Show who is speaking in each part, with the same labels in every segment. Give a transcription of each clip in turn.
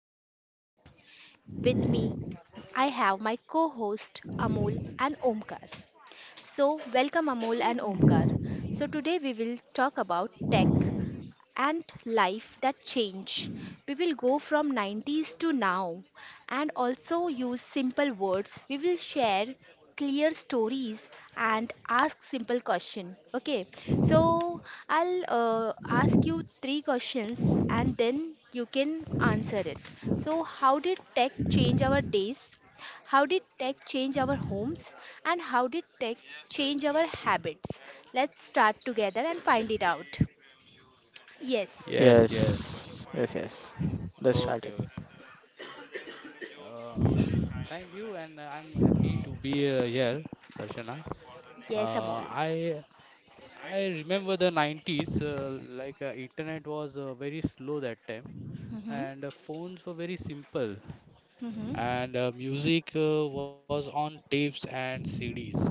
Speaker 1: 90s to today. With me, I have my co-host Amol and Omkar. So, welcome Amol and Omkar. So, today we will talk about tech and life that change. We will go from 90s to now and also use simple words. We will share clear stories and ask simple question. Okay. So I'll ask you three questions and then you can answer it. So how did tech change our days? How did tech change our homes? And how did tech change our habits? Let's start together and find it out. Yes.
Speaker 2: Yes, yes.
Speaker 3: Yes, yes, yes. Let's start
Speaker 2: Okay,
Speaker 3: it.
Speaker 2: okay. Uh, Thank you, and I'm happy to be here, Darshana.
Speaker 1: Yes, Amol.
Speaker 2: Uh, I I remember the 90s, internet was very slow that time,
Speaker 1: Mm-hmm.
Speaker 2: and phones were very simple,
Speaker 1: Mm-hmm.
Speaker 2: and music was on tapes and CDs.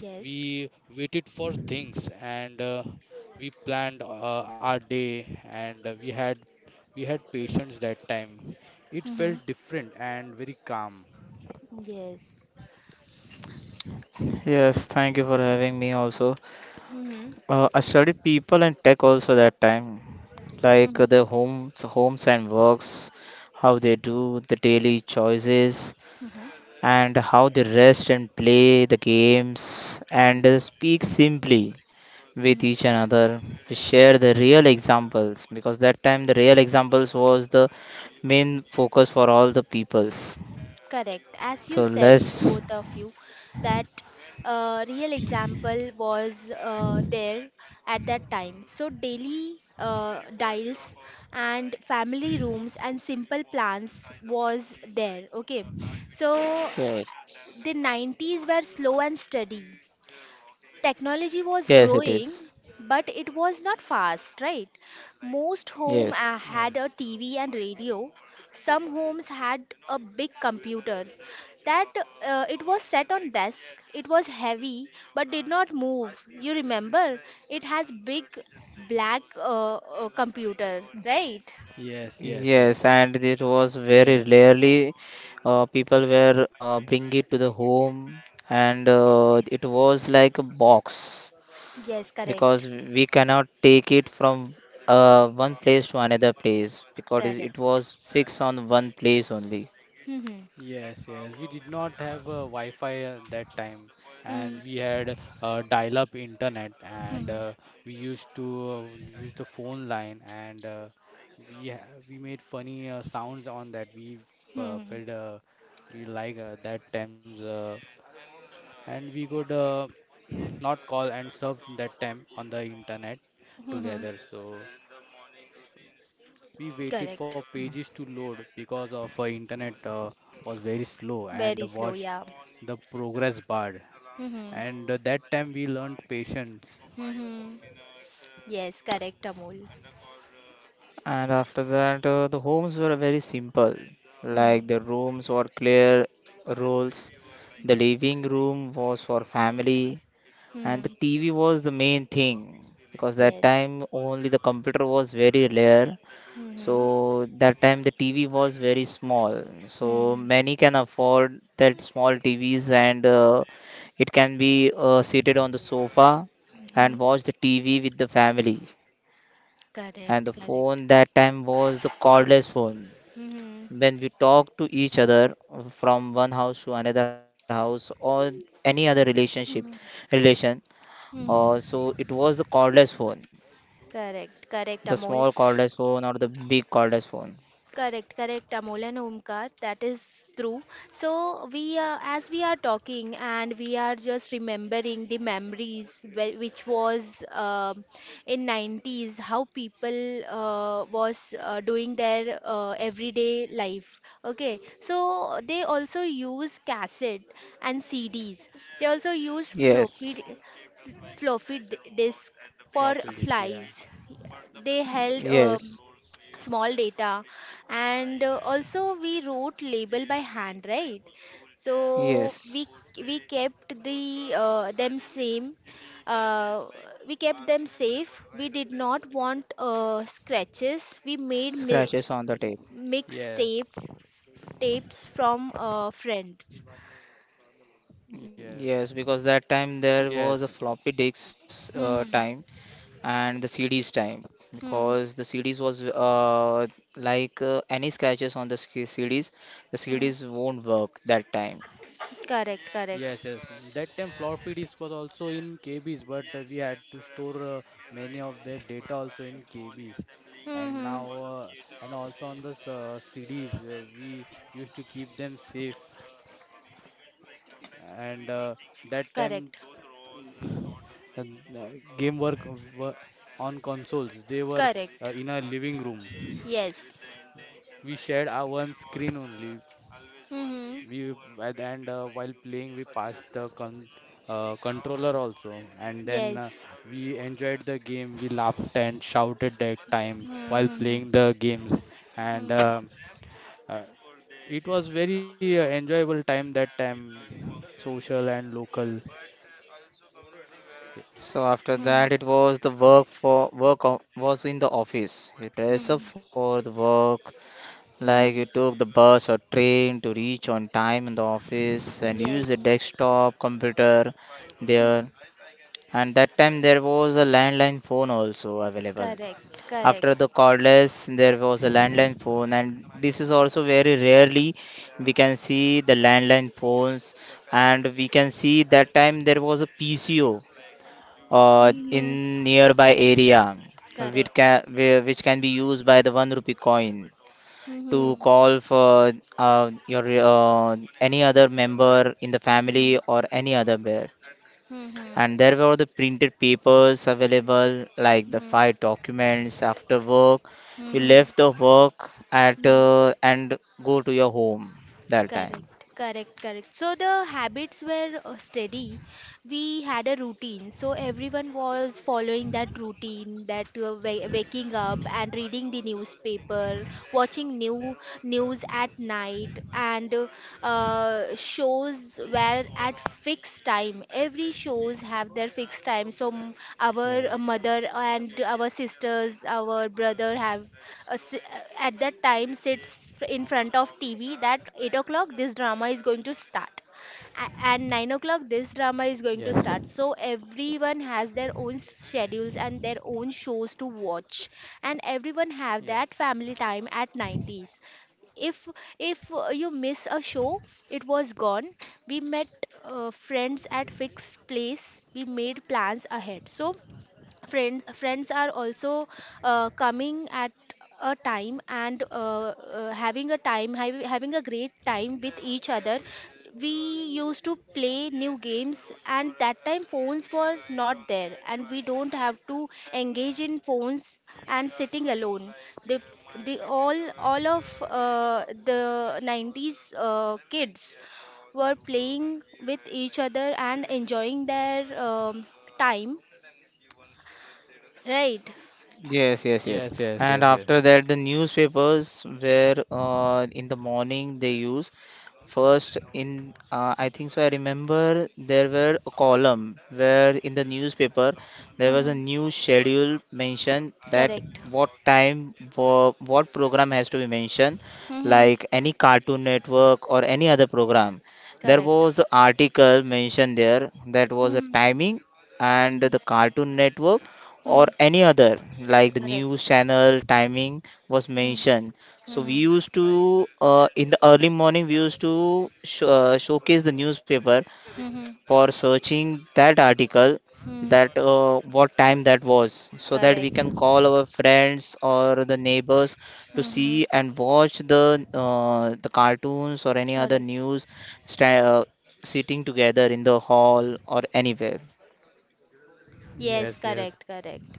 Speaker 1: Yes.
Speaker 2: We waited for things, and we planned our day, and we had patience that time. It
Speaker 1: Mm-hmm.
Speaker 2: felt different and very calm.
Speaker 1: Yes.
Speaker 3: Yes, thank you for having me also.
Speaker 1: Mm-hmm.
Speaker 3: I studied people and tech also that time, like
Speaker 1: Mm-hmm.
Speaker 3: the homes and works, how they do the daily choices,
Speaker 1: Mm-hmm.
Speaker 3: and how they rest and play the games, and speak simply with
Speaker 1: Mm-hmm.
Speaker 3: each another. We share the real examples because that time the real examples was the main focus for all the peoples.
Speaker 1: Correct. As you
Speaker 3: So
Speaker 1: said,
Speaker 3: let's
Speaker 1: both of you, that real example was there at that time. So daily dials and family rooms and simple plans was there. Okay. So
Speaker 3: yes.
Speaker 1: the 90s were slow and steady, technology was
Speaker 3: Yes, it
Speaker 1: growing
Speaker 3: is.
Speaker 1: but it was not fast, right? Most home
Speaker 3: Yes.
Speaker 2: Yeah.
Speaker 1: had a tv and radio, some homes had a big computer that it was set on desk, it was heavy but did not move. You remember it has big black computer, right?
Speaker 2: Yes, yes, yes,
Speaker 3: Yes,
Speaker 2: yes.
Speaker 3: and it was very
Speaker 2: Yes.
Speaker 3: rarely people were bring it to the home, and it was like a box
Speaker 1: Yes, correct,
Speaker 3: because we cannot take it from one place to another place because
Speaker 1: correct.
Speaker 3: it was fixed on one place only.
Speaker 1: Mm-hmm.
Speaker 2: Yes, yes. We did not have Wi-Fi that time,
Speaker 1: Mm.
Speaker 2: and we had dial-up internet, and
Speaker 1: Mhm.
Speaker 2: we used to use the phone line, and we ha we made funny sounds on that. We felt we like that times, and we could not call and surf that time on the internet
Speaker 1: Mhm.
Speaker 2: together.
Speaker 1: Mhm.
Speaker 2: So we waited for
Speaker 1: Correct.
Speaker 2: pages to load because of internet was very slow, and
Speaker 1: Very
Speaker 2: watch
Speaker 1: slow, yeah.
Speaker 2: the progress bar,
Speaker 1: Mhm.
Speaker 2: and that time we learned patience.
Speaker 1: Mhm. Yes, correct, Amol.
Speaker 3: And after that, the homes were very simple, like the rooms were clear rules. The living room was for family, and the
Speaker 1: Hmm.
Speaker 3: TV was the main thing because that
Speaker 1: Yes.
Speaker 3: time only the computer was very rare.
Speaker 1: Mm-hmm.
Speaker 3: So that time the TV was very small. So
Speaker 1: Mm-hmm.
Speaker 3: many can afford that small TVs and it can be seated on the sofa
Speaker 1: Mm-hmm.
Speaker 3: and watch the TV with the family. And
Speaker 1: Correct,
Speaker 3: the
Speaker 1: correct.
Speaker 3: phone that time was the cordless phone.
Speaker 1: Mm-hmm.
Speaker 3: When we talk to each other from one house to another house or any other relation,
Speaker 1: Mm-hmm.
Speaker 3: so it was the cordless phone,
Speaker 1: Correct,
Speaker 3: the
Speaker 1: correct,
Speaker 3: small
Speaker 1: Amol.
Speaker 3: cordless phone or the big cordless phone.
Speaker 1: Correct, correct, Amol and Omkar. That is true. So we, as we are talking, and we are just remembering the memories which was in 90s, how people was doing their everyday life. Okay, so they also use cassette and CDs. They also use
Speaker 3: Yes,
Speaker 1: f- floppy disk for
Speaker 2: Floppy disk, yeah,
Speaker 1: flies. They held
Speaker 3: yes,
Speaker 1: small data, and also we wrote label by hand, right? So we
Speaker 3: yes.
Speaker 1: we kept them same, uh, we kept them safe, we did not want scratches. We made
Speaker 3: Scratches on the tape.
Speaker 1: mix
Speaker 2: yes,
Speaker 1: tapes from friends.
Speaker 2: yes,
Speaker 3: Yes, because that time there
Speaker 2: yes,
Speaker 3: was a floppy disks time
Speaker 1: Hmm.
Speaker 3: and the CDs time
Speaker 1: Hmm.
Speaker 3: because the CDs was any scratches on the CDs, the
Speaker 1: Hmm. Hmm.
Speaker 3: CDs won't work that time.
Speaker 1: Correct,
Speaker 2: yes,
Speaker 1: correct.
Speaker 2: yes. That time floppy disk was also in KBs, but we had to store many of the data also in KBs. And now, uh, and also on the CDs, we used to keep them safe, and that time
Speaker 1: Correct.
Speaker 2: uh, the game work were on consoles. They were
Speaker 1: Correct.
Speaker 2: in a living room.
Speaker 1: Yes.
Speaker 2: We shared our one screen only.
Speaker 1: Mm-hmm.
Speaker 2: We at- and while playing we passed the controller also, and then
Speaker 1: Yes.
Speaker 2: we enjoyed the game. We laughed and shouted that time while
Speaker 1: Mm-hmm.
Speaker 2: playing the games, and uh, it was very enjoyable time that time, social and local. Ye-
Speaker 3: So after that,
Speaker 1: Mm-hmm.
Speaker 3: it was the work for was in the office. You dress up for the work, like
Speaker 1: Mm-hmm.
Speaker 3: you took the bus or train to reach on time in the office and
Speaker 1: Yes.
Speaker 3: use a desktop computer
Speaker 1: Hmm.
Speaker 3: there. And that time there was a landline phone also available.
Speaker 1: Correct, correct.
Speaker 3: After the cordless, there was a landline phone, and this is also very rarely we can see the landline phones. And we can see that time there was a PCO
Speaker 1: Mm-hmm.
Speaker 3: in nearby area, which
Speaker 1: Correct.
Speaker 3: which can be used by the one rupee coin to
Speaker 1: Mm-hmm.
Speaker 3: call for your any other member in the family or any other bear.
Speaker 1: Hmm. Mm-hmm.
Speaker 3: And there were the printed papers available, like the five documents after work. You
Speaker 1: Mm-hmm.
Speaker 3: left the work at
Speaker 1: Mm-hmm.
Speaker 3: and go to your home that time.
Speaker 1: Correct, correct, correct. So the habits were steady, we had a routine, so everyone was following that routine, that waking up and reading the newspaper, watching news at night, and shows were at fixed time. Every shows have their fixed time, so our
Speaker 2: yes.
Speaker 1: mother and our sisters, our brother have at that time sits in front of tv, that 8 o'clock this drama is going to start,
Speaker 2: Yes.
Speaker 1: at 9 o'clock this drama is going to start. So everyone has their own schedules and their own shows to watch,
Speaker 2: Yeah.
Speaker 1: and everyone have that family time at 90s. If if uh, you miss a show, it was gone. We met friends at fixed place, we made plans ahead. So friends are also coming at a time, and having a time, having a great time with each other. We used to play new games, and that time phones were not there, and we don't have to engage in phones and sitting alone. The, the all all of uh, the 90s kids were playing with each other and enjoying their time, right?
Speaker 3: Yes, yes, yes.
Speaker 2: Yes, yes,
Speaker 3: And
Speaker 2: yes, yes.
Speaker 3: after that, the newspapers were in the morning they use.
Speaker 1: Mhm.
Speaker 3: First, in I think so, I remember there were a column where in the newspaper there was a new schedule mentioned that
Speaker 1: Correct.
Speaker 3: what time for what program has to be mentioned,
Speaker 1: Mhm.
Speaker 3: like any Cartoon Network or any other program. There
Speaker 1: Correct.
Speaker 3: was an article mentioned there that was a
Speaker 1: Mhm.
Speaker 3: timing and
Speaker 1: Mm.
Speaker 3: the Cartoon Network or
Speaker 1: Mm.
Speaker 3: any other like the
Speaker 1: Correct.
Speaker 3: news channel timing was
Speaker 1: Mm.
Speaker 3: mentioned, so we
Speaker 1: Mhm.
Speaker 3: used to in the early morning we used to showcase the newspaper
Speaker 1: Mhm.
Speaker 3: for searching that article
Speaker 1: Mm.
Speaker 3: that what time that was so that
Speaker 1: Correct.
Speaker 3: we can call our friends or the neighbors to
Speaker 1: Mhm.
Speaker 3: see and watch the cartoons or any other
Speaker 1: Correct.
Speaker 3: news sta- uh, sitting together in the hall or anywhere.
Speaker 1: Yes,
Speaker 2: Yes, yes,
Speaker 1: correct, correct.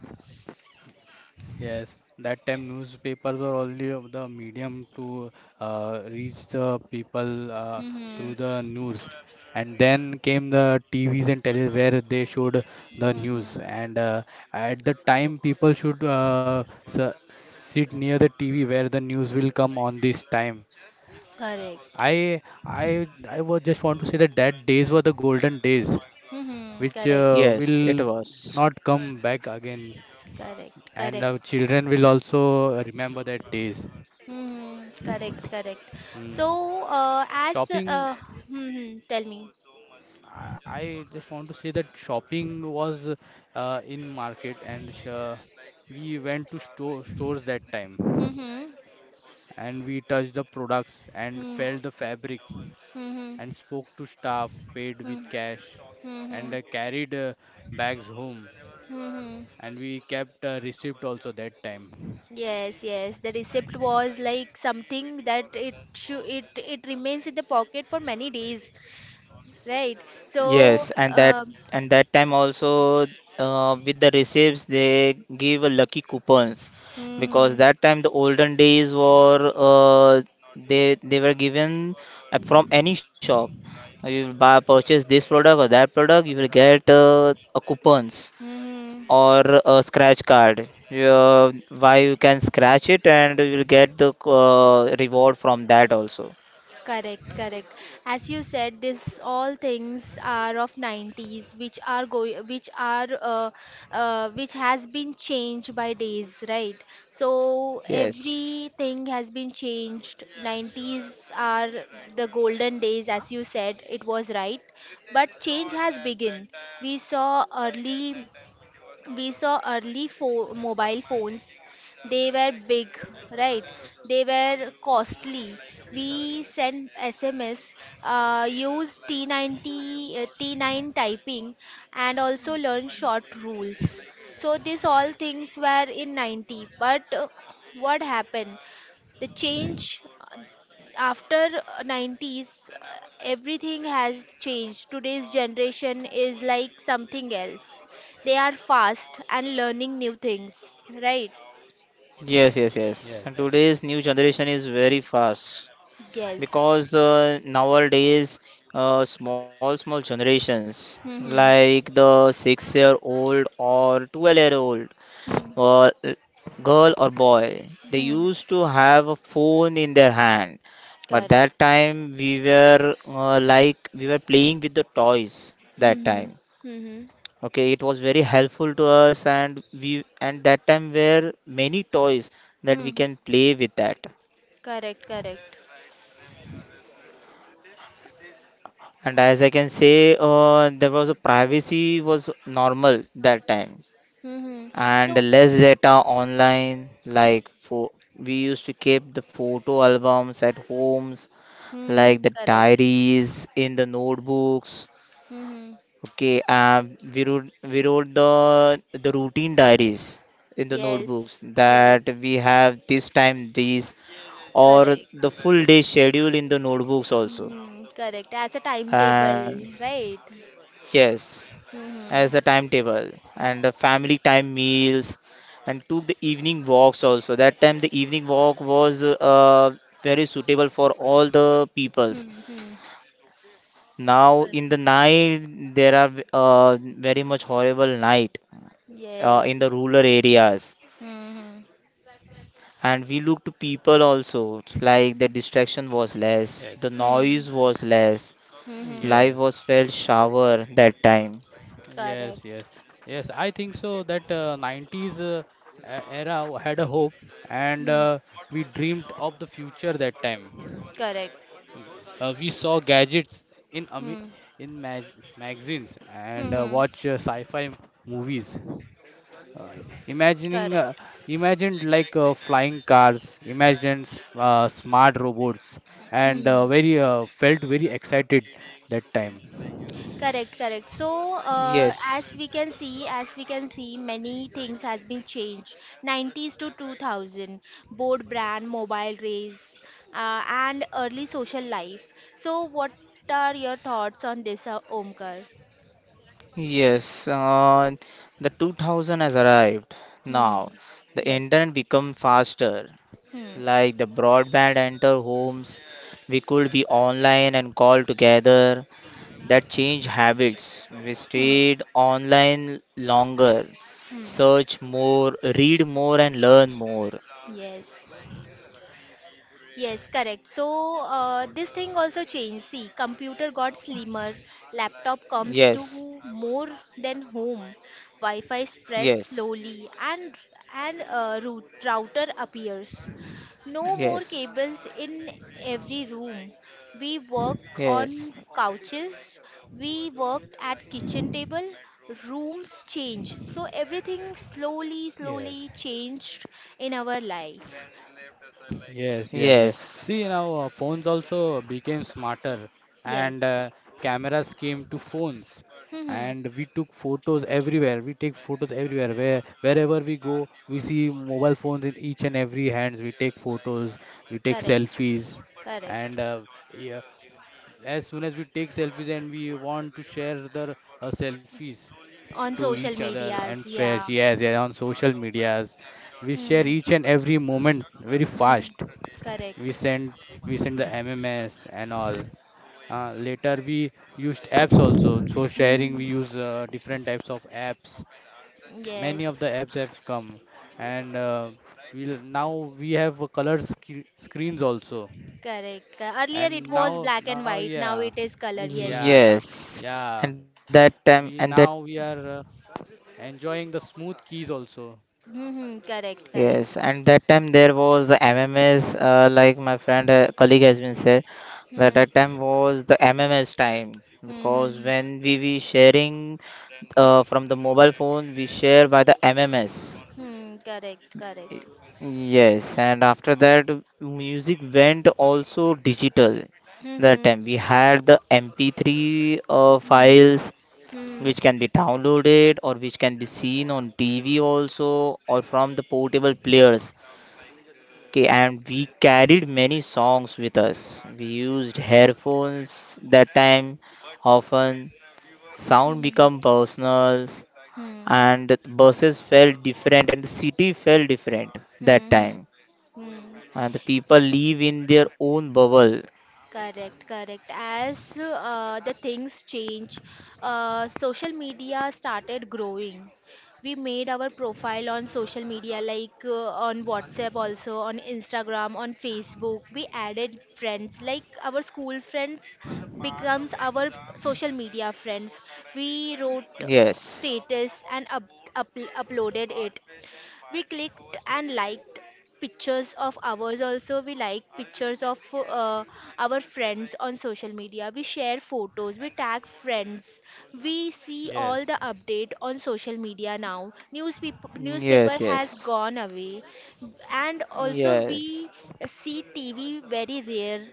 Speaker 2: yes. That time newspapers were only of the medium to reach the people
Speaker 1: Mm-hmm.
Speaker 2: through the news. And then came the TVs and tele, where they showed the
Speaker 1: Mm-hmm.
Speaker 2: news. And at the time, people should s sit near the TV where the news will come on this time.
Speaker 1: Correct.
Speaker 2: I I I was just want to say that that days were the golden days,
Speaker 1: Mm-hmm.
Speaker 2: which
Speaker 1: Correct.
Speaker 3: Yes, it
Speaker 2: will
Speaker 3: was.
Speaker 2: not come back again,
Speaker 1: Correct,
Speaker 2: and
Speaker 1: correct.
Speaker 2: our children will also remember that days.
Speaker 1: Hmm, correct, correct.
Speaker 2: Hmm.
Speaker 1: So, as uh,
Speaker 2: Shopping.
Speaker 1: hmm, hmm, tell me.
Speaker 2: I just want to say that shopping was in markets, and we went to stores that time,
Speaker 1: Hmm, hmm,
Speaker 2: and we touched the products and
Speaker 1: hmm,
Speaker 2: felt the fabric,
Speaker 1: hmm, hmm,
Speaker 2: and spoke to staff, paid with cash,
Speaker 1: hmm, hmm,
Speaker 2: and carried bags home,
Speaker 1: hmm, hmm.
Speaker 2: and we kept a receipt also that time.
Speaker 1: Yes, yes. The receipt was like something that it should it it remains in the pocket for many days, right? So,
Speaker 3: Yes, and that and that time also with the receipts they give a lucky coupons because
Speaker 1: hmm,
Speaker 3: that time the olden days were they were given from any shop. You will buy purchase this product or that product, you will get a coupons
Speaker 1: hmm, hmm,
Speaker 3: or a scratch card. Why you can scratch it and you will get the reward from that also.
Speaker 1: correct, correct. As you said, this all things are of 90s, which are going, which are, which has been changed by days, right? So
Speaker 3: Yes.
Speaker 1: everything has been changed. 90s are the golden days, as you said, it was right. But change has begun. We saw early we saw early mobile phones, they were big, right? They were costly, we sent sms, used t90 t9 typing, and also learned short rules. So these all things were in 90, but what happened? The change, uh, after 90s, everything has changed. Today's generation is like something else, they are fast and learning new things, right?
Speaker 3: Yes, yes, yes. And
Speaker 2: Yes, yes.
Speaker 3: today's new generation is very fast
Speaker 1: Yes.
Speaker 3: because nowadays, small, small generations
Speaker 1: Mm-hmm.
Speaker 3: like the 6 year old or 12-year-old or girl or boy, they
Speaker 1: Mm-hmm.
Speaker 3: used to have a phone in their hand. But that
Speaker 1: Correct.
Speaker 3: time we were like we were playing with the toys that
Speaker 1: Mm-hmm.
Speaker 3: time.
Speaker 1: Mm-hmm.
Speaker 3: Okay, it was very helpful to us, and we and that time were many toys that we
Speaker 1: Hmm.
Speaker 3: can play with that.
Speaker 1: Correct, correct.
Speaker 3: And as I can say, there was a privacy was normal that time,
Speaker 1: Mm-hmm.
Speaker 3: and
Speaker 1: So,
Speaker 3: less data online. Like for we used to keep the photo albums at homes,
Speaker 1: hmm.
Speaker 3: like the
Speaker 1: Correct.
Speaker 3: diaries in the notebooks.
Speaker 1: Mm-hmm.
Speaker 3: Okay, we wrote the routine diaries in the notebooks
Speaker 1: Yes,
Speaker 3: that
Speaker 1: yes,
Speaker 3: we have this time these or the
Speaker 1: correct.
Speaker 3: full day schedule in the notebooks also.
Speaker 1: Mm-hmm. Correct. As a timetable,
Speaker 3: And
Speaker 1: right?
Speaker 3: yes, as the
Speaker 1: Mm-hmm.
Speaker 3: timetable and the family time meals and took the evening walks also. That time the evening walk was very suitable for all the peoples.
Speaker 1: Mm-hmm.
Speaker 3: Now
Speaker 1: Correct.
Speaker 3: in the night there are very much horrible night in
Speaker 1: Yes,
Speaker 3: the
Speaker 1: yes.
Speaker 3: rural areas,
Speaker 1: Mm-hmm.
Speaker 3: and we look to people also like the distraction was less,
Speaker 2: Yes,
Speaker 3: the noise
Speaker 1: Hmm.
Speaker 3: was less,
Speaker 1: Hmm.
Speaker 3: life
Speaker 2: yes,
Speaker 3: was felt shower that time.
Speaker 2: yes,
Speaker 1: Correct.
Speaker 2: yes, yes. I think so that 90s era had a hope, and
Speaker 1: Hmm.
Speaker 2: we dreamed of the future that time.
Speaker 1: Correct.
Speaker 2: Mm. We saw gadgets in ami
Speaker 1: Hmm.
Speaker 2: in magazines,
Speaker 1: Hmm.
Speaker 2: and
Speaker 1: Hmm.
Speaker 2: watch sci-fi movies. Uh, imagining,
Speaker 1: Correct.
Speaker 2: uh, Imagined like flying cars, imagined smart robots, and
Speaker 1: Hmm.
Speaker 2: very felt very excited that time.
Speaker 1: Correct, correct. So,
Speaker 3: Yes.
Speaker 1: as we can see, many things has been changed. 90s to 2000, board brand, mobile race, and early social life. So, what are your thoughts on this, Omkar?
Speaker 3: Yes, the 2000 has arrived
Speaker 1: Hmm.
Speaker 3: now. The
Speaker 1: Yes.
Speaker 3: internet become faster.
Speaker 1: Hmm.
Speaker 3: Like the broadband enter homes, we could be online and call together. That change habits. We
Speaker 1: Hmm.
Speaker 3: stayed online longer,
Speaker 1: Hmm.
Speaker 3: search more, read more, and learn more.
Speaker 1: Yes. Yes, correct. So this thing also changed. See, computer got slimmer, laptop comes to
Speaker 3: Yes,
Speaker 1: more than home, Wi-Fi spreads
Speaker 3: yes,
Speaker 1: slowly, and router appears. No more
Speaker 3: yes,
Speaker 1: cables in every room. We work
Speaker 3: yes,
Speaker 1: on couches, we worked at kitchen table. Rooms change. So everything slowly,
Speaker 2: Yes.
Speaker 1: slowly changed in our life.
Speaker 2: Yes, yes, yes.
Speaker 3: yes,
Speaker 2: See, now phones also became smarter, and
Speaker 1: Yes.
Speaker 2: cameras came to phones,
Speaker 1: Hmm.
Speaker 2: and we took photos everywhere. We take photos everywhere. Wherever we go, we see mobile phones in each and every hands. We take photos, we take
Speaker 1: Correct.
Speaker 2: selfies, and
Speaker 1: Correct.
Speaker 2: yeah, as soon as we take selfies and we want to share the selfies
Speaker 1: On
Speaker 2: to each
Speaker 1: social
Speaker 2: other and
Speaker 1: medias,
Speaker 2: fresh.
Speaker 1: yeah.
Speaker 2: Yes, yes, on social medias, we share
Speaker 1: Hmm.
Speaker 2: each and every moment very
Speaker 1: Hmm.
Speaker 2: fast.
Speaker 1: Correct.
Speaker 2: We sent we sent the MMS and all. Later we used apps also. So sharing,
Speaker 1: Hmm.
Speaker 2: we use different types of apps. Many
Speaker 1: Yes.
Speaker 2: of the apps have come, and we now we have color sc screens also.
Speaker 1: Correct. Earlier it
Speaker 2: And
Speaker 1: was
Speaker 2: now,
Speaker 1: black and
Speaker 2: now,
Speaker 1: white, now
Speaker 2: yeah,
Speaker 1: it is color.
Speaker 2: yeah,
Speaker 1: Yes.
Speaker 2: yeah,
Speaker 1: Yes.
Speaker 3: yes.
Speaker 2: yeah,
Speaker 3: And that time,
Speaker 2: we
Speaker 3: and
Speaker 2: now
Speaker 3: that
Speaker 2: we are enjoying the smooth keys also.
Speaker 1: Hmm. Correct. Correct.
Speaker 3: yes, and that time there was the MMS. Like my friend, colleague has been said, that
Speaker 1: Hmm.
Speaker 3: that time was the MMS time
Speaker 1: Hmm.
Speaker 3: because
Speaker 1: Hmm.
Speaker 3: when we were sharing from the mobile phone, we share by the MMS.
Speaker 1: Hmm. Hmm, correct.
Speaker 3: Y-
Speaker 1: Correct.
Speaker 3: Yes, and after that, music went also digital. That
Speaker 1: Hmm. Hmm.
Speaker 3: time we had the MP3
Speaker 1: Hmm.
Speaker 3: files
Speaker 1: Hmm. Hmm.
Speaker 3: which can be downloaded or which can be seen on TV also or from the portable players. Okay, and we carried many songs with us. We used headphones that time often. Sound become personal,
Speaker 1: Hmm.
Speaker 3: and buses felt different, and the city felt different that
Speaker 1: Hmm. Hmm.
Speaker 3: time,
Speaker 1: Hmm, hmm.
Speaker 3: and the people live in their own bubble.
Speaker 1: Correct, correct. As the things change, social media started growing. We made our profile on social media, like on WhatsApp, also on Instagram, on Facebook. We added friends, like our school friends becomes our social media friends. We wrote
Speaker 3: Yes,
Speaker 1: status and up, uploaded it. We clicked and liked pictures of ours, also we like pictures of our friends on social media. We share photos, we tag friends, we see all
Speaker 2: Yes,
Speaker 1: the update on social media now. Newspaper
Speaker 3: yes,
Speaker 1: has
Speaker 3: yes,
Speaker 1: gone away, and also
Speaker 3: yes,
Speaker 1: we see tv very rare.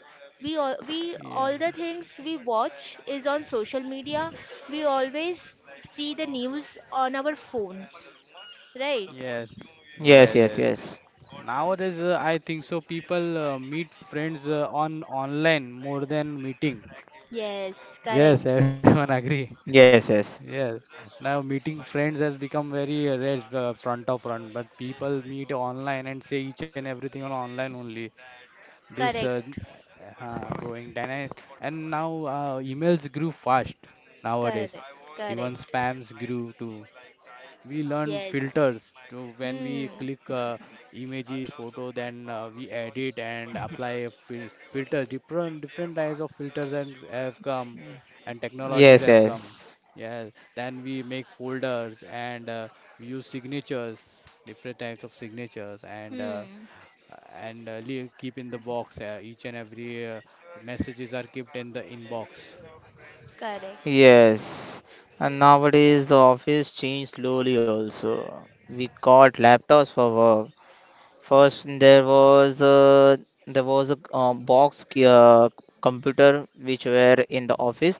Speaker 1: we all, we
Speaker 2: yeah,
Speaker 1: all the things we watch is on social media, we always see the news on our phones, right?
Speaker 2: yes,
Speaker 3: yes,
Speaker 2: yes,
Speaker 3: yes,
Speaker 2: yes.
Speaker 3: yes,
Speaker 2: Nowadays, I think so, people meet friends on online more than meeting.
Speaker 1: Yes,
Speaker 2: Yes,
Speaker 1: correct.
Speaker 2: everyone agree.
Speaker 3: yes, yes,
Speaker 2: Yes. Now meeting friends has become very rare front of front, but people meet online and say each and everything on online only. This uh, n- Growing dynamic, and now emails grew fast nowadays.
Speaker 1: Correct.
Speaker 2: Even spams grew too. We learn
Speaker 1: Yes.
Speaker 2: filters to, when
Speaker 1: Hmm.
Speaker 2: we click images photo, then we edit and apply a filters, different different types of filters and have come, and technologies
Speaker 3: yes,
Speaker 2: have come.
Speaker 3: yes,
Speaker 2: Yeah, then we make folders, and we use signatures, different types of signatures, and
Speaker 1: Hmm.
Speaker 2: keep in the box each and every messages are kept in the inbox.
Speaker 1: Correct.
Speaker 3: yes. And nowadays the office changed slowly also. We got laptops for work. First there was a There was a computer which were in the office.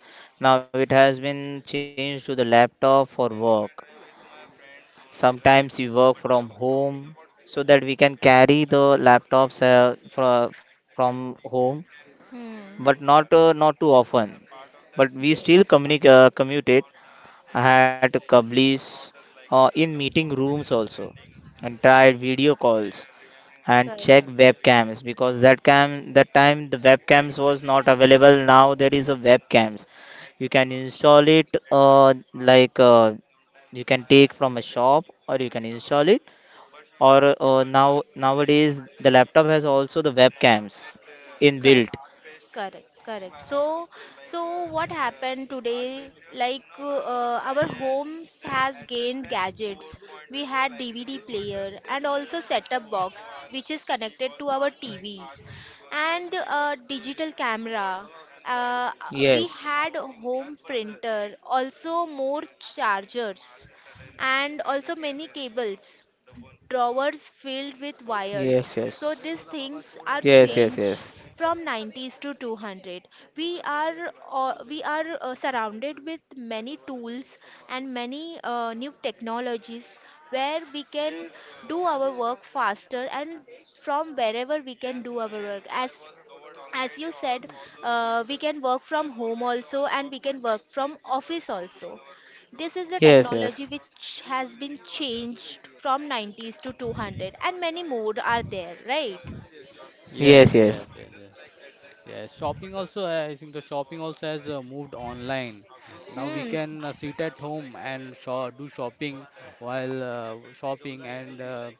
Speaker 3: Now it has been changed to the laptop for work. Sometimes we work from home so that we can carry the laptops from home, but
Speaker 1: Hmm.
Speaker 3: not not too often. But we still communicate commuted at Kablis in meeting rooms also and tried video calls and check webcams because that time the webcams was not available, now there is a webcams. You can install it you can take from a shop or you can install it, or now nowadays the laptop has also the webcams
Speaker 1: Correct,
Speaker 3: inbuilt.
Speaker 1: correct, correct. So, what happened today? Like our homes has gained gadgets. We had DVD player and also setup box, which is connected to our TVs, and a digital camera. Uh, we had a
Speaker 3: Yes.
Speaker 1: home printer, also more chargers, and also many cables, drawers filled with wires.
Speaker 3: Yes,
Speaker 1: So
Speaker 3: yes.
Speaker 1: these things are
Speaker 2: Yes,
Speaker 3: Yes, yes,
Speaker 1: changed
Speaker 3: yes.
Speaker 1: from 90s to 200. We are surrounded with many tools and many new technologies, where we can do our work faster, and from wherever we can do our work. As you said, we can work from home also, and we can work from office also. This is a
Speaker 3: Yes,
Speaker 1: technology
Speaker 3: yes.
Speaker 1: which has been changed from 90s to 200, and many more are there, right?
Speaker 3: Yes,
Speaker 2: yes,
Speaker 3: yes.
Speaker 2: yes, yes, yes. Yes, shopping also, I think the shopping also has moved online. Now we
Speaker 1: Hmm.
Speaker 2: can sit at home and shop, do shopping while shopping, and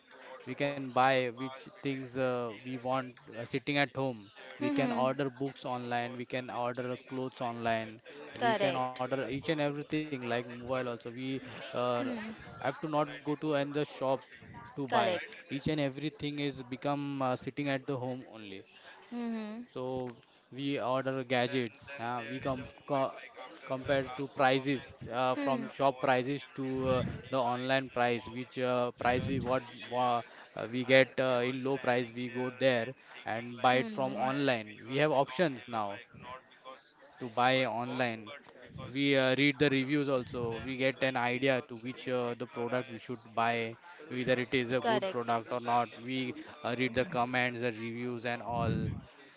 Speaker 2: we can buy which things we want sitting at home. We
Speaker 1: Hmm.
Speaker 2: can
Speaker 1: Hmm.
Speaker 2: order books online, we can order clothes online, we can order each and everything like mobile also. We uh,
Speaker 1: Hmm.
Speaker 2: have to not go to another shop to buy. Each and everything is become sitting at the home only.
Speaker 1: Mm-hmm.
Speaker 2: So we order gadgets. We compare to prices from shop prices to uh, the online price, which price we what wa we get in low price, we go there and buy it from online. We have options now to buy online. We read the reviews also. We get an idea to which the product we should buy, whether it is a good
Speaker 1: Correct.
Speaker 2: product or not. We read the comments, the reviews, and all.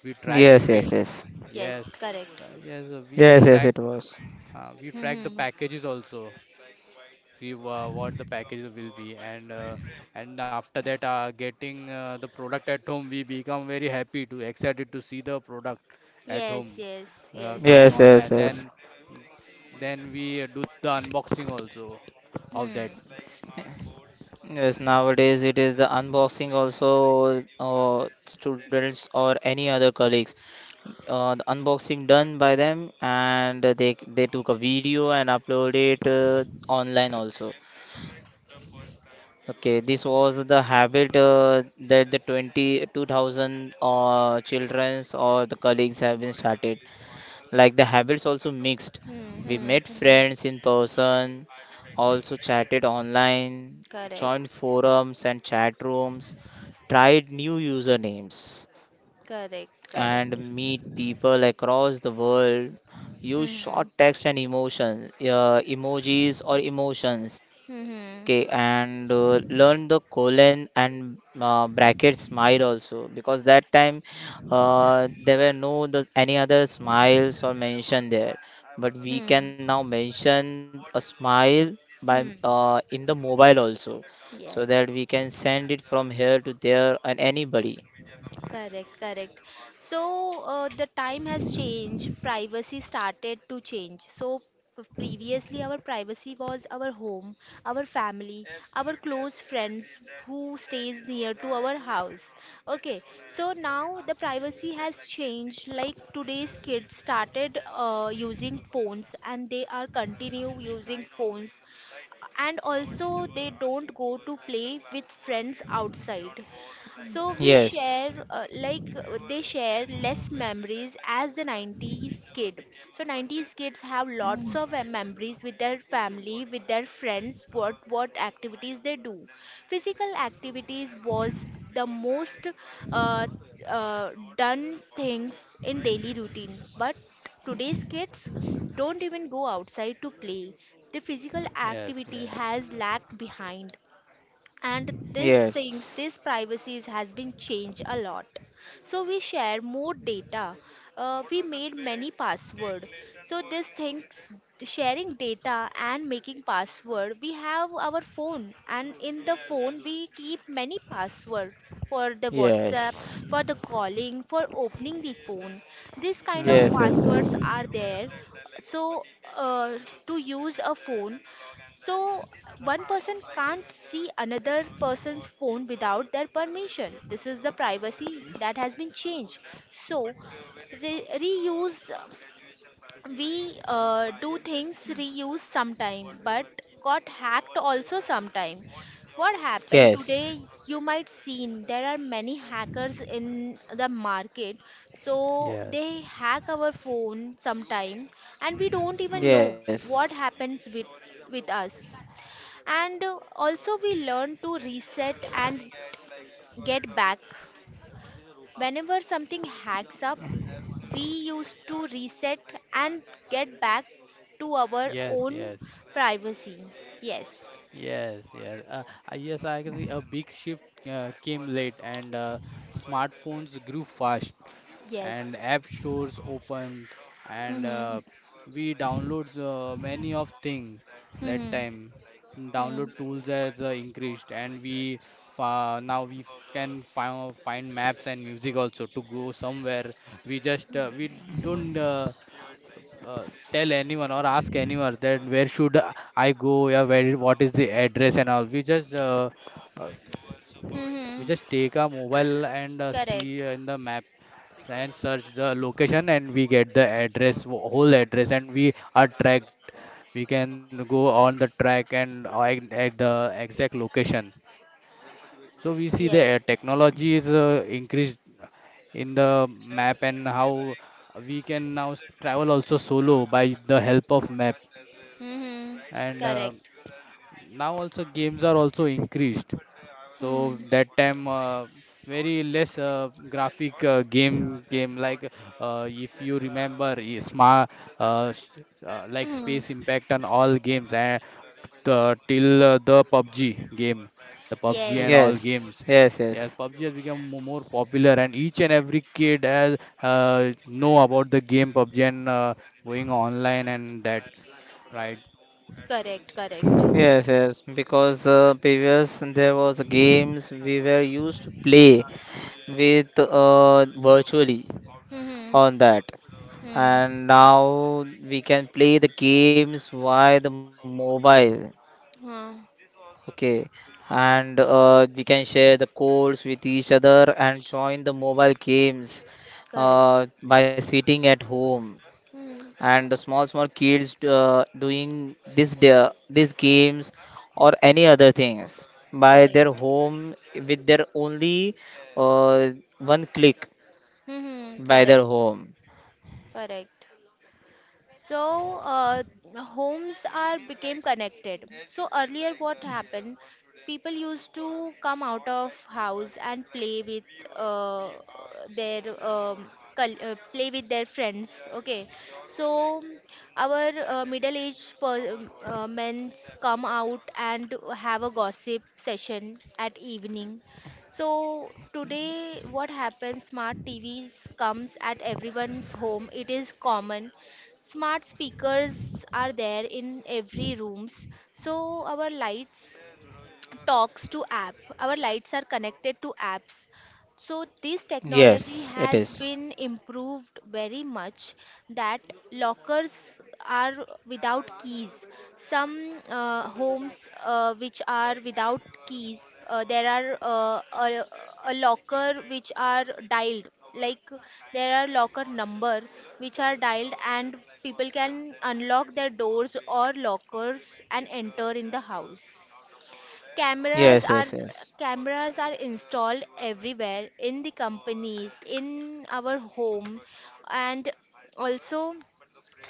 Speaker 2: We track the
Speaker 3: Yes, yes,
Speaker 2: pa
Speaker 3: yes.
Speaker 2: Yes,
Speaker 1: Yes, correct.
Speaker 2: yes, we
Speaker 3: Yes, yes, it
Speaker 2: track
Speaker 3: was.
Speaker 2: the
Speaker 1: Hmm.
Speaker 2: packages also. We what the packages will be, and after that, getting the product at home, we become very happy to excited to see the product at
Speaker 1: Yes,
Speaker 2: home
Speaker 1: yes, yes,
Speaker 2: coming
Speaker 1: correct.
Speaker 3: Yes, yes,
Speaker 2: online.
Speaker 3: yes.
Speaker 2: Then we do the unboxing also of that.
Speaker 3: Yes, nowadays it is the unboxing also students or any other colleagues. The unboxing done by them and they took a video and upload it online also. Okay, this was the habit that the twenty two thousand 2000 childrens or the colleagues have been started like the habits also mixed.
Speaker 1: Hmm. Hmm,
Speaker 3: We met
Speaker 1: hmm, hmm.
Speaker 3: friends in person, also chatted online,
Speaker 1: Correct,
Speaker 3: joined forums and chat rooms, tried new usernames
Speaker 1: correct,
Speaker 3: and
Speaker 1: correct.
Speaker 3: meet people across the world, use short
Speaker 1: Hmm,
Speaker 3: text and emotion emojis or emotions.
Speaker 1: hmm, hmm.
Speaker 3: Okay, and learn the colon and bracket smile also because that time there were no any other smiles or mention there, but we can now mention a smile by
Speaker 1: Hmm.
Speaker 3: in the mobile also,
Speaker 1: Hmm.
Speaker 3: so that
Speaker 1: Yes.
Speaker 3: we can send it from here to there and anybody.
Speaker 1: Correct, correct. So the time has changed. Privacy started to change. So previously, our privacy was our home, our family, our close friends who stays near to our house. Okay. So now the privacy has changed. Like today's kids started using phones, and they are continue using phones, and also they don't go to play with friends outside. So we share,
Speaker 3: Yes.
Speaker 1: they share less memories as the 90s kid. So 90s kids have lots
Speaker 3: Mm.
Speaker 1: of memories with their family, with their friends, what activities they do. Physical activities was the most uh, uh, done things in daily routine, but today's kids don't even go outside to play. The physical
Speaker 2: Yes, yes,
Speaker 1: activity has lagged behind, and these things,
Speaker 3: Yes,
Speaker 1: these privacies has been changed a lot. So we share more data, we made many password. So these things, sharing data and making password, we have our phone, and in the phone we keep many password, for the whatsapp,
Speaker 3: yes,
Speaker 1: for the calling, for opening the phone, this kind of
Speaker 3: yes,
Speaker 1: passwords
Speaker 3: yes,
Speaker 1: are there. So uh, to use a phone, so, one person can't see another person's phone without their permission. This is the privacy that has been changed. So, reuse, we do things reuse sometime, but got hacked also sometime. What happened
Speaker 3: yes,
Speaker 1: today? You might seen there are many hackers in the market, so
Speaker 2: yes.
Speaker 1: they hack our phone sometime, and we don't even know
Speaker 3: yes,
Speaker 1: what happens with us. And also we learn to reset and get back. Whenever something hacks up, we used to reset and get back to our
Speaker 2: Yes,
Speaker 1: own
Speaker 2: yes.
Speaker 1: privacy. Yes.
Speaker 2: Yes, yes. I agree. A big shift came late, and smartphones grew fast, and
Speaker 1: Yes.
Speaker 2: app stores open, and
Speaker 1: Mm-hmm.
Speaker 2: we downloads many of thing that
Speaker 1: Mm-hmm.
Speaker 2: time. Download
Speaker 1: Mm-hmm.
Speaker 2: tools has increased, and we fa now we can find maps and music also to go somewhere. We just we don't uh, tell anyone or ask anyone that where should I go. Yeah, where what is the address and all. We just uh, we
Speaker 1: Mm-hmm.
Speaker 2: just take our mobile and see
Speaker 1: Correct.
Speaker 2: in the map and search the location, and we get the address, whole address, and we are tracked. We can go on the track and at the exact location. So we see the
Speaker 1: Yes.
Speaker 2: technology is increased in the map, and how we can now travel also solo by the help of map.
Speaker 1: Mm-hmm.
Speaker 2: And
Speaker 1: Correct.
Speaker 2: now also games are also increased. So
Speaker 1: Hmm.
Speaker 2: that time very less graphic game like, if you remember, smart uh, sh- like Space Impact and all games, and the, till the PUBG game, the
Speaker 1: Mhm.
Speaker 2: PUBG and
Speaker 1: Yes,
Speaker 2: all
Speaker 3: yes,
Speaker 2: games.
Speaker 3: yes, yes,
Speaker 2: Yes,
Speaker 3: yes.
Speaker 2: PUBG has become more popular, and each and every kid has know about the game PUBG, and going online and that, right?
Speaker 1: correct, correct.
Speaker 3: Yes, yes, because previous there was games we were used to play with virtually
Speaker 1: Mm-hmm.
Speaker 3: on that, and now we can play the games via the mobile.
Speaker 1: Hmm. Huh.
Speaker 3: Okay, and we can share the codes with each other and join the mobile games
Speaker 1: Correct.
Speaker 3: by sitting at home,
Speaker 1: Hmm,
Speaker 3: and the small small kids doing these games or any other things by their
Speaker 1: correct.
Speaker 3: home with their only uh, one click
Speaker 1: Hmm,
Speaker 3: by their
Speaker 1: correct,
Speaker 3: home.
Speaker 1: correct. So homes are became connected. So earlier, what happened? People used to come out of house and play with uh, their um, play with their friends. Okay, so our middle-aged men come out and have a gossip session at evening. So today, what happens? Smart TVs comes at everyone's home. It is common. Smart speakers are there in every rooms, so our lights talks to app, our lights are connected to apps, so this
Speaker 3: Yes,
Speaker 1: technology
Speaker 3: it
Speaker 1: has
Speaker 3: is.
Speaker 1: been improved very much, that lockers are without keys. Some homes which are without keys, uh, there are uh, a, a locker which are dialed, like there are locker number which are dialed and people can unlock their doors or lockers and enter in the house.
Speaker 3: Yes,
Speaker 1: Cameras
Speaker 3: yes,
Speaker 1: are
Speaker 3: yes,
Speaker 1: cameras are installed everywhere, in the companies, in our home, and also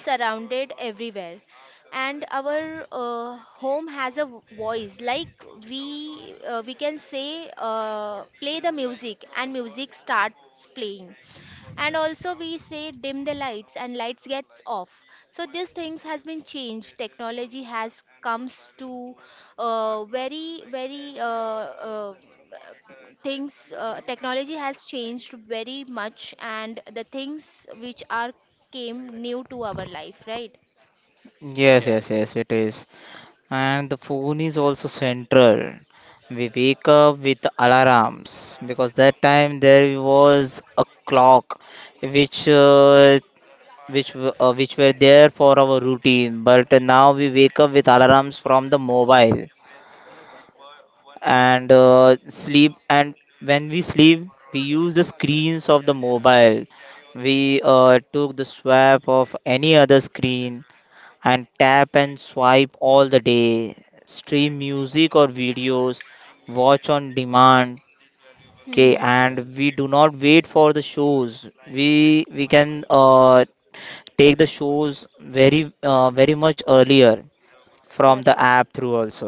Speaker 1: surrounded everywhere. And our home has a voice. Like we can say, play the music, and music starts playing, and also we say dim the lights and lights gets off. So these things has been changed, technology has comes to very very uh, things technology has changed very much, and the things which are came new to our life, right?
Speaker 3: yes,
Speaker 2: Yes,
Speaker 3: yes, yes, it is. And the phone is also central. We wake up with alarms because that time there was a clock which uh, which were there for our routine, but now we wake up with alarms from the mobile and sleep. And when we sleep, we use the screens of the mobile. We took the swap of any other screen and tap and swipe all the day. Stream music or videos, watch on demand. Okay,
Speaker 1: Hmm.
Speaker 2: yes.
Speaker 3: and we do not wait for the shows. We can take the shows very much earlier from the
Speaker 1: Correct.
Speaker 3: app through also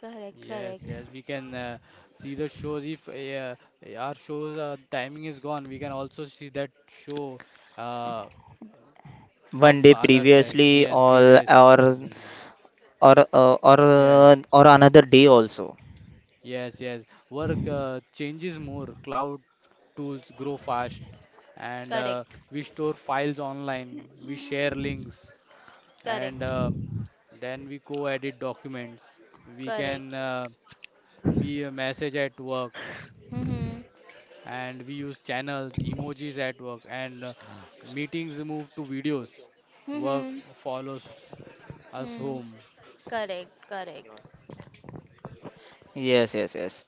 Speaker 1: Correct,
Speaker 2: Yes,
Speaker 1: correct,
Speaker 2: yes, we can see the shows. If our show's timing is gone, we can also see that show uh,
Speaker 3: one
Speaker 2: from
Speaker 3: day
Speaker 2: other side.
Speaker 3: previously,
Speaker 2: Yes, previous shows and all. Yes,
Speaker 3: or another day also.
Speaker 2: yes, yes. Work changes more. Cloud tools grow fast, and
Speaker 1: correct,
Speaker 2: we store files online. We share links, and
Speaker 1: correct,
Speaker 2: then we co-edit documents. We
Speaker 1: correct.
Speaker 2: can uh, we message at work,
Speaker 1: Mm-hmm.
Speaker 2: and we use channels, emojis at work, and meetings move to videos. Work
Speaker 1: Mm-hmm.
Speaker 2: follows us
Speaker 1: Hmm.
Speaker 2: home.
Speaker 1: Correct, correct.
Speaker 3: Yes, yes, yes.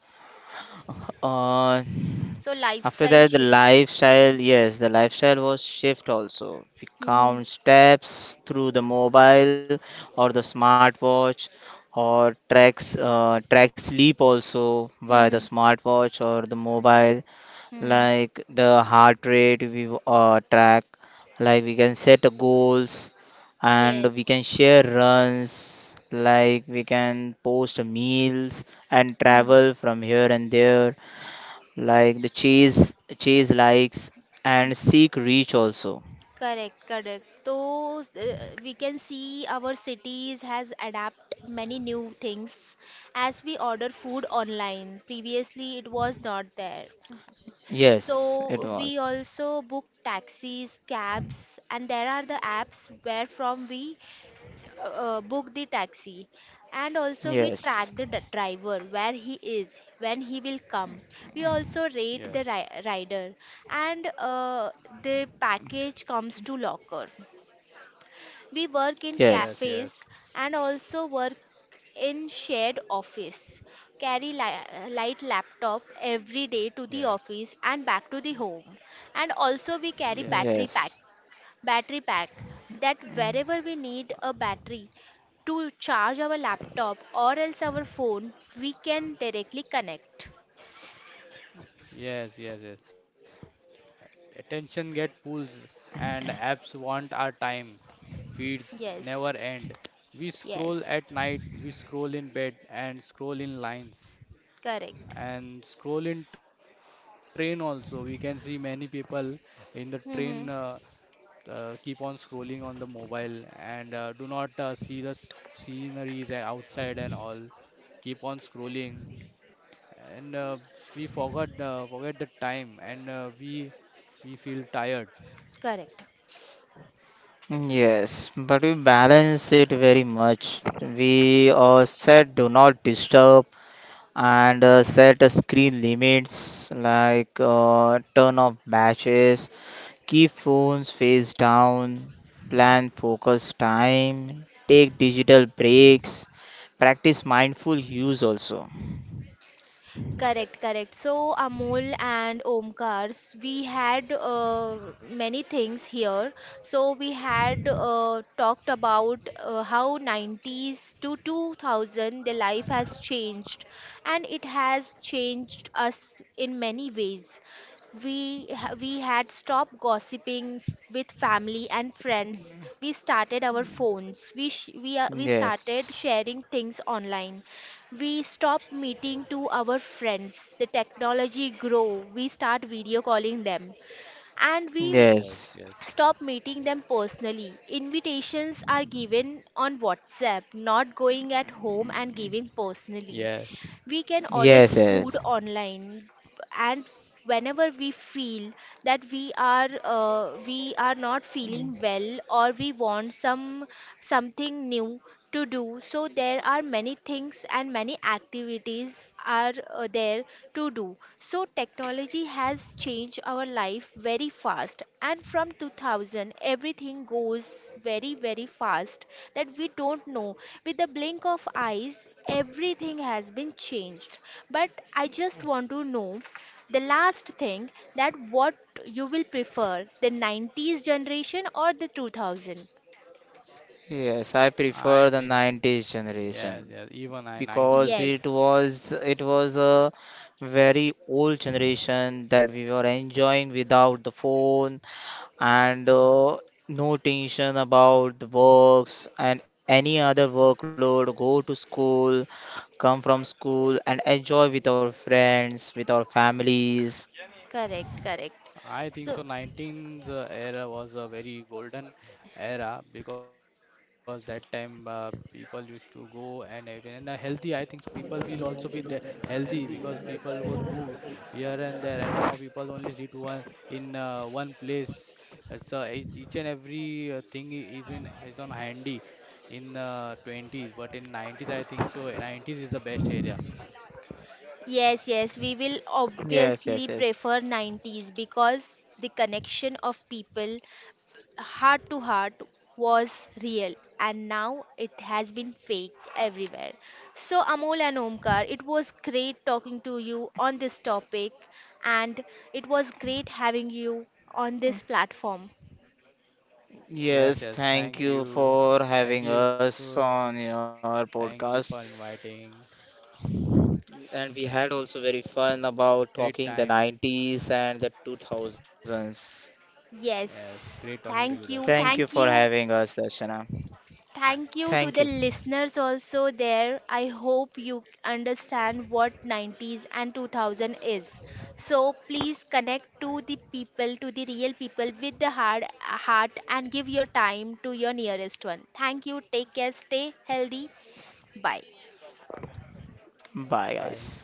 Speaker 3: uh,
Speaker 1: So
Speaker 3: after
Speaker 1: lifestyle
Speaker 3: that the
Speaker 1: shift.
Speaker 3: lifestyle yes, the lifestyle was shift also. We
Speaker 1: Mm-hmm.
Speaker 3: count steps through the mobile or the smartwatch or track sleep also via the
Speaker 1: Mm-hmm.
Speaker 3: smartwatch or the mobile,
Speaker 1: Hmm.
Speaker 3: like the heart rate we track, like we can set goals, and we
Speaker 1: Yes.
Speaker 3: can share runs, like we can post meals and
Speaker 1: Hmm.
Speaker 3: travel from here and there, like the chase likes and seek reach also.
Speaker 1: Correct, correct. So we can see our cities has adapt many new things, as we order food online. Previously, it was not there.
Speaker 3: Yes, it
Speaker 1: So we
Speaker 3: was.
Speaker 1: also book taxis, cabs, and there are the apps where from we book the taxi, and also we
Speaker 3: Yes,
Speaker 1: track the driver, where he is, when he will come. We also
Speaker 2: Yes,
Speaker 1: rate the rider, and the package comes to locker. We work in
Speaker 2: yes,
Speaker 3: yes.
Speaker 2: yes,
Speaker 1: cafes and also work in shared office, carry light laptop every day to the
Speaker 2: yes,
Speaker 1: office and back to the home, and also we carry
Speaker 2: yes,
Speaker 1: battery
Speaker 3: Yes.
Speaker 1: pack. Battery pack, that wherever we need a battery to charge our laptop or else our phone, we can directly connect.
Speaker 2: yes, yes, yes. Attention get pulls, and apps want our time. Feeds never
Speaker 1: Yes,
Speaker 2: end. We scroll
Speaker 1: yes,
Speaker 2: at night, we scroll in bed, and scroll in lines.
Speaker 1: correct.
Speaker 2: And scroll in train also. We can see many people in the train
Speaker 1: Mm-hmm.
Speaker 2: keep on scrolling on the mobile, and do not see the sceneries outside and all. Keep on scrolling, and we forgot forget the time, and we feel tired.
Speaker 1: Correct.
Speaker 3: Yes, but we balance it very much. We said do not disturb and set a screen limits, like turn off matches, keep phones face down, plan focus time, take digital breaks, practice mindful use also.
Speaker 1: Correct, correct. So, Amol and Omkars, we had many things here. So, we had talked about how 90s to 2000 the life has changed, and it has changed us in many ways. We had stopped gossiping with family and friends. We started our phones. We sh- we We started
Speaker 3: Yes,
Speaker 1: sharing things online. We stop meeting to our friends. The technology grow. We start video calling them, and we
Speaker 2: Yes, yes,
Speaker 3: yes,
Speaker 1: stop meeting them personally. Invitations are given on WhatsApp, not going at home and giving
Speaker 2: yes.
Speaker 1: personally. We can order
Speaker 3: yes,
Speaker 1: food
Speaker 3: yes,
Speaker 1: online, and whenever we feel that we are not feeling well, or we want some something new to do, so there are many things and many activities are there to do. So technology has changed our life very fast, and from 2000 everything goes very very fast, that we don't know, with the blink of eyes everything has been changed. But I just want to know the last thing, that what you will prefer, the 90s generation or the 2000?
Speaker 3: yes. I
Speaker 2: I
Speaker 3: prefer the
Speaker 2: think
Speaker 3: 90s generation,
Speaker 2: yes, yes. Even I
Speaker 3: because
Speaker 2: 90s and
Speaker 3: it
Speaker 1: Yes.
Speaker 3: was it was a very old generation that we were enjoying without the phone and no tension about the works and any other workload. Go to school, come from school and enjoy with our friends with our families.
Speaker 1: Correct, correct.
Speaker 2: I think so,
Speaker 1: So,
Speaker 2: 19th era was a very golden era because that time people used to go and everything. And healthy, I think so, people will also be there healthy because people would move here and there. And now people only sit one in one place. So each and every thing is in is on handy in 20s. But in 90s, I think so, 90s is the best area.
Speaker 1: yes, yes, we will
Speaker 3: Yes, yes,
Speaker 1: obviously
Speaker 3: yes.
Speaker 1: prefer 90s because the connection of people, heart to heart, was real, and now it has been fake everywhere. So, Amol and Omkar, it was great talking to you on this topic, and it was great having you on this platform.
Speaker 2: Yes,
Speaker 3: Yes,
Speaker 2: yes.
Speaker 3: thank
Speaker 2: Thank
Speaker 3: you
Speaker 2: you.
Speaker 3: for
Speaker 2: Thank
Speaker 3: having
Speaker 2: you
Speaker 3: us
Speaker 2: for.
Speaker 3: on your
Speaker 2: Thank you
Speaker 3: podcast,
Speaker 2: for inviting.
Speaker 3: and we had also very fun about
Speaker 2: Great
Speaker 3: talking the
Speaker 2: time.
Speaker 3: 90s and the 2000s.
Speaker 2: Yes,
Speaker 1: Yes,
Speaker 2: great talking to you,
Speaker 1: thank
Speaker 3: Thank
Speaker 1: you,
Speaker 3: you
Speaker 2: Darshana.
Speaker 3: for
Speaker 1: thank
Speaker 3: having
Speaker 1: you,
Speaker 3: us, Darshana.
Speaker 1: thank you
Speaker 3: Thank
Speaker 1: to
Speaker 3: you.
Speaker 1: the listeners also there. I hope you understand what 90s and 2000 is. So please connect to the people, to the real people with the hard heart, and give your time to your nearest one. Thank you, take care, stay healthy. Bye.
Speaker 3: Bye,
Speaker 2: Bye.
Speaker 3: guys.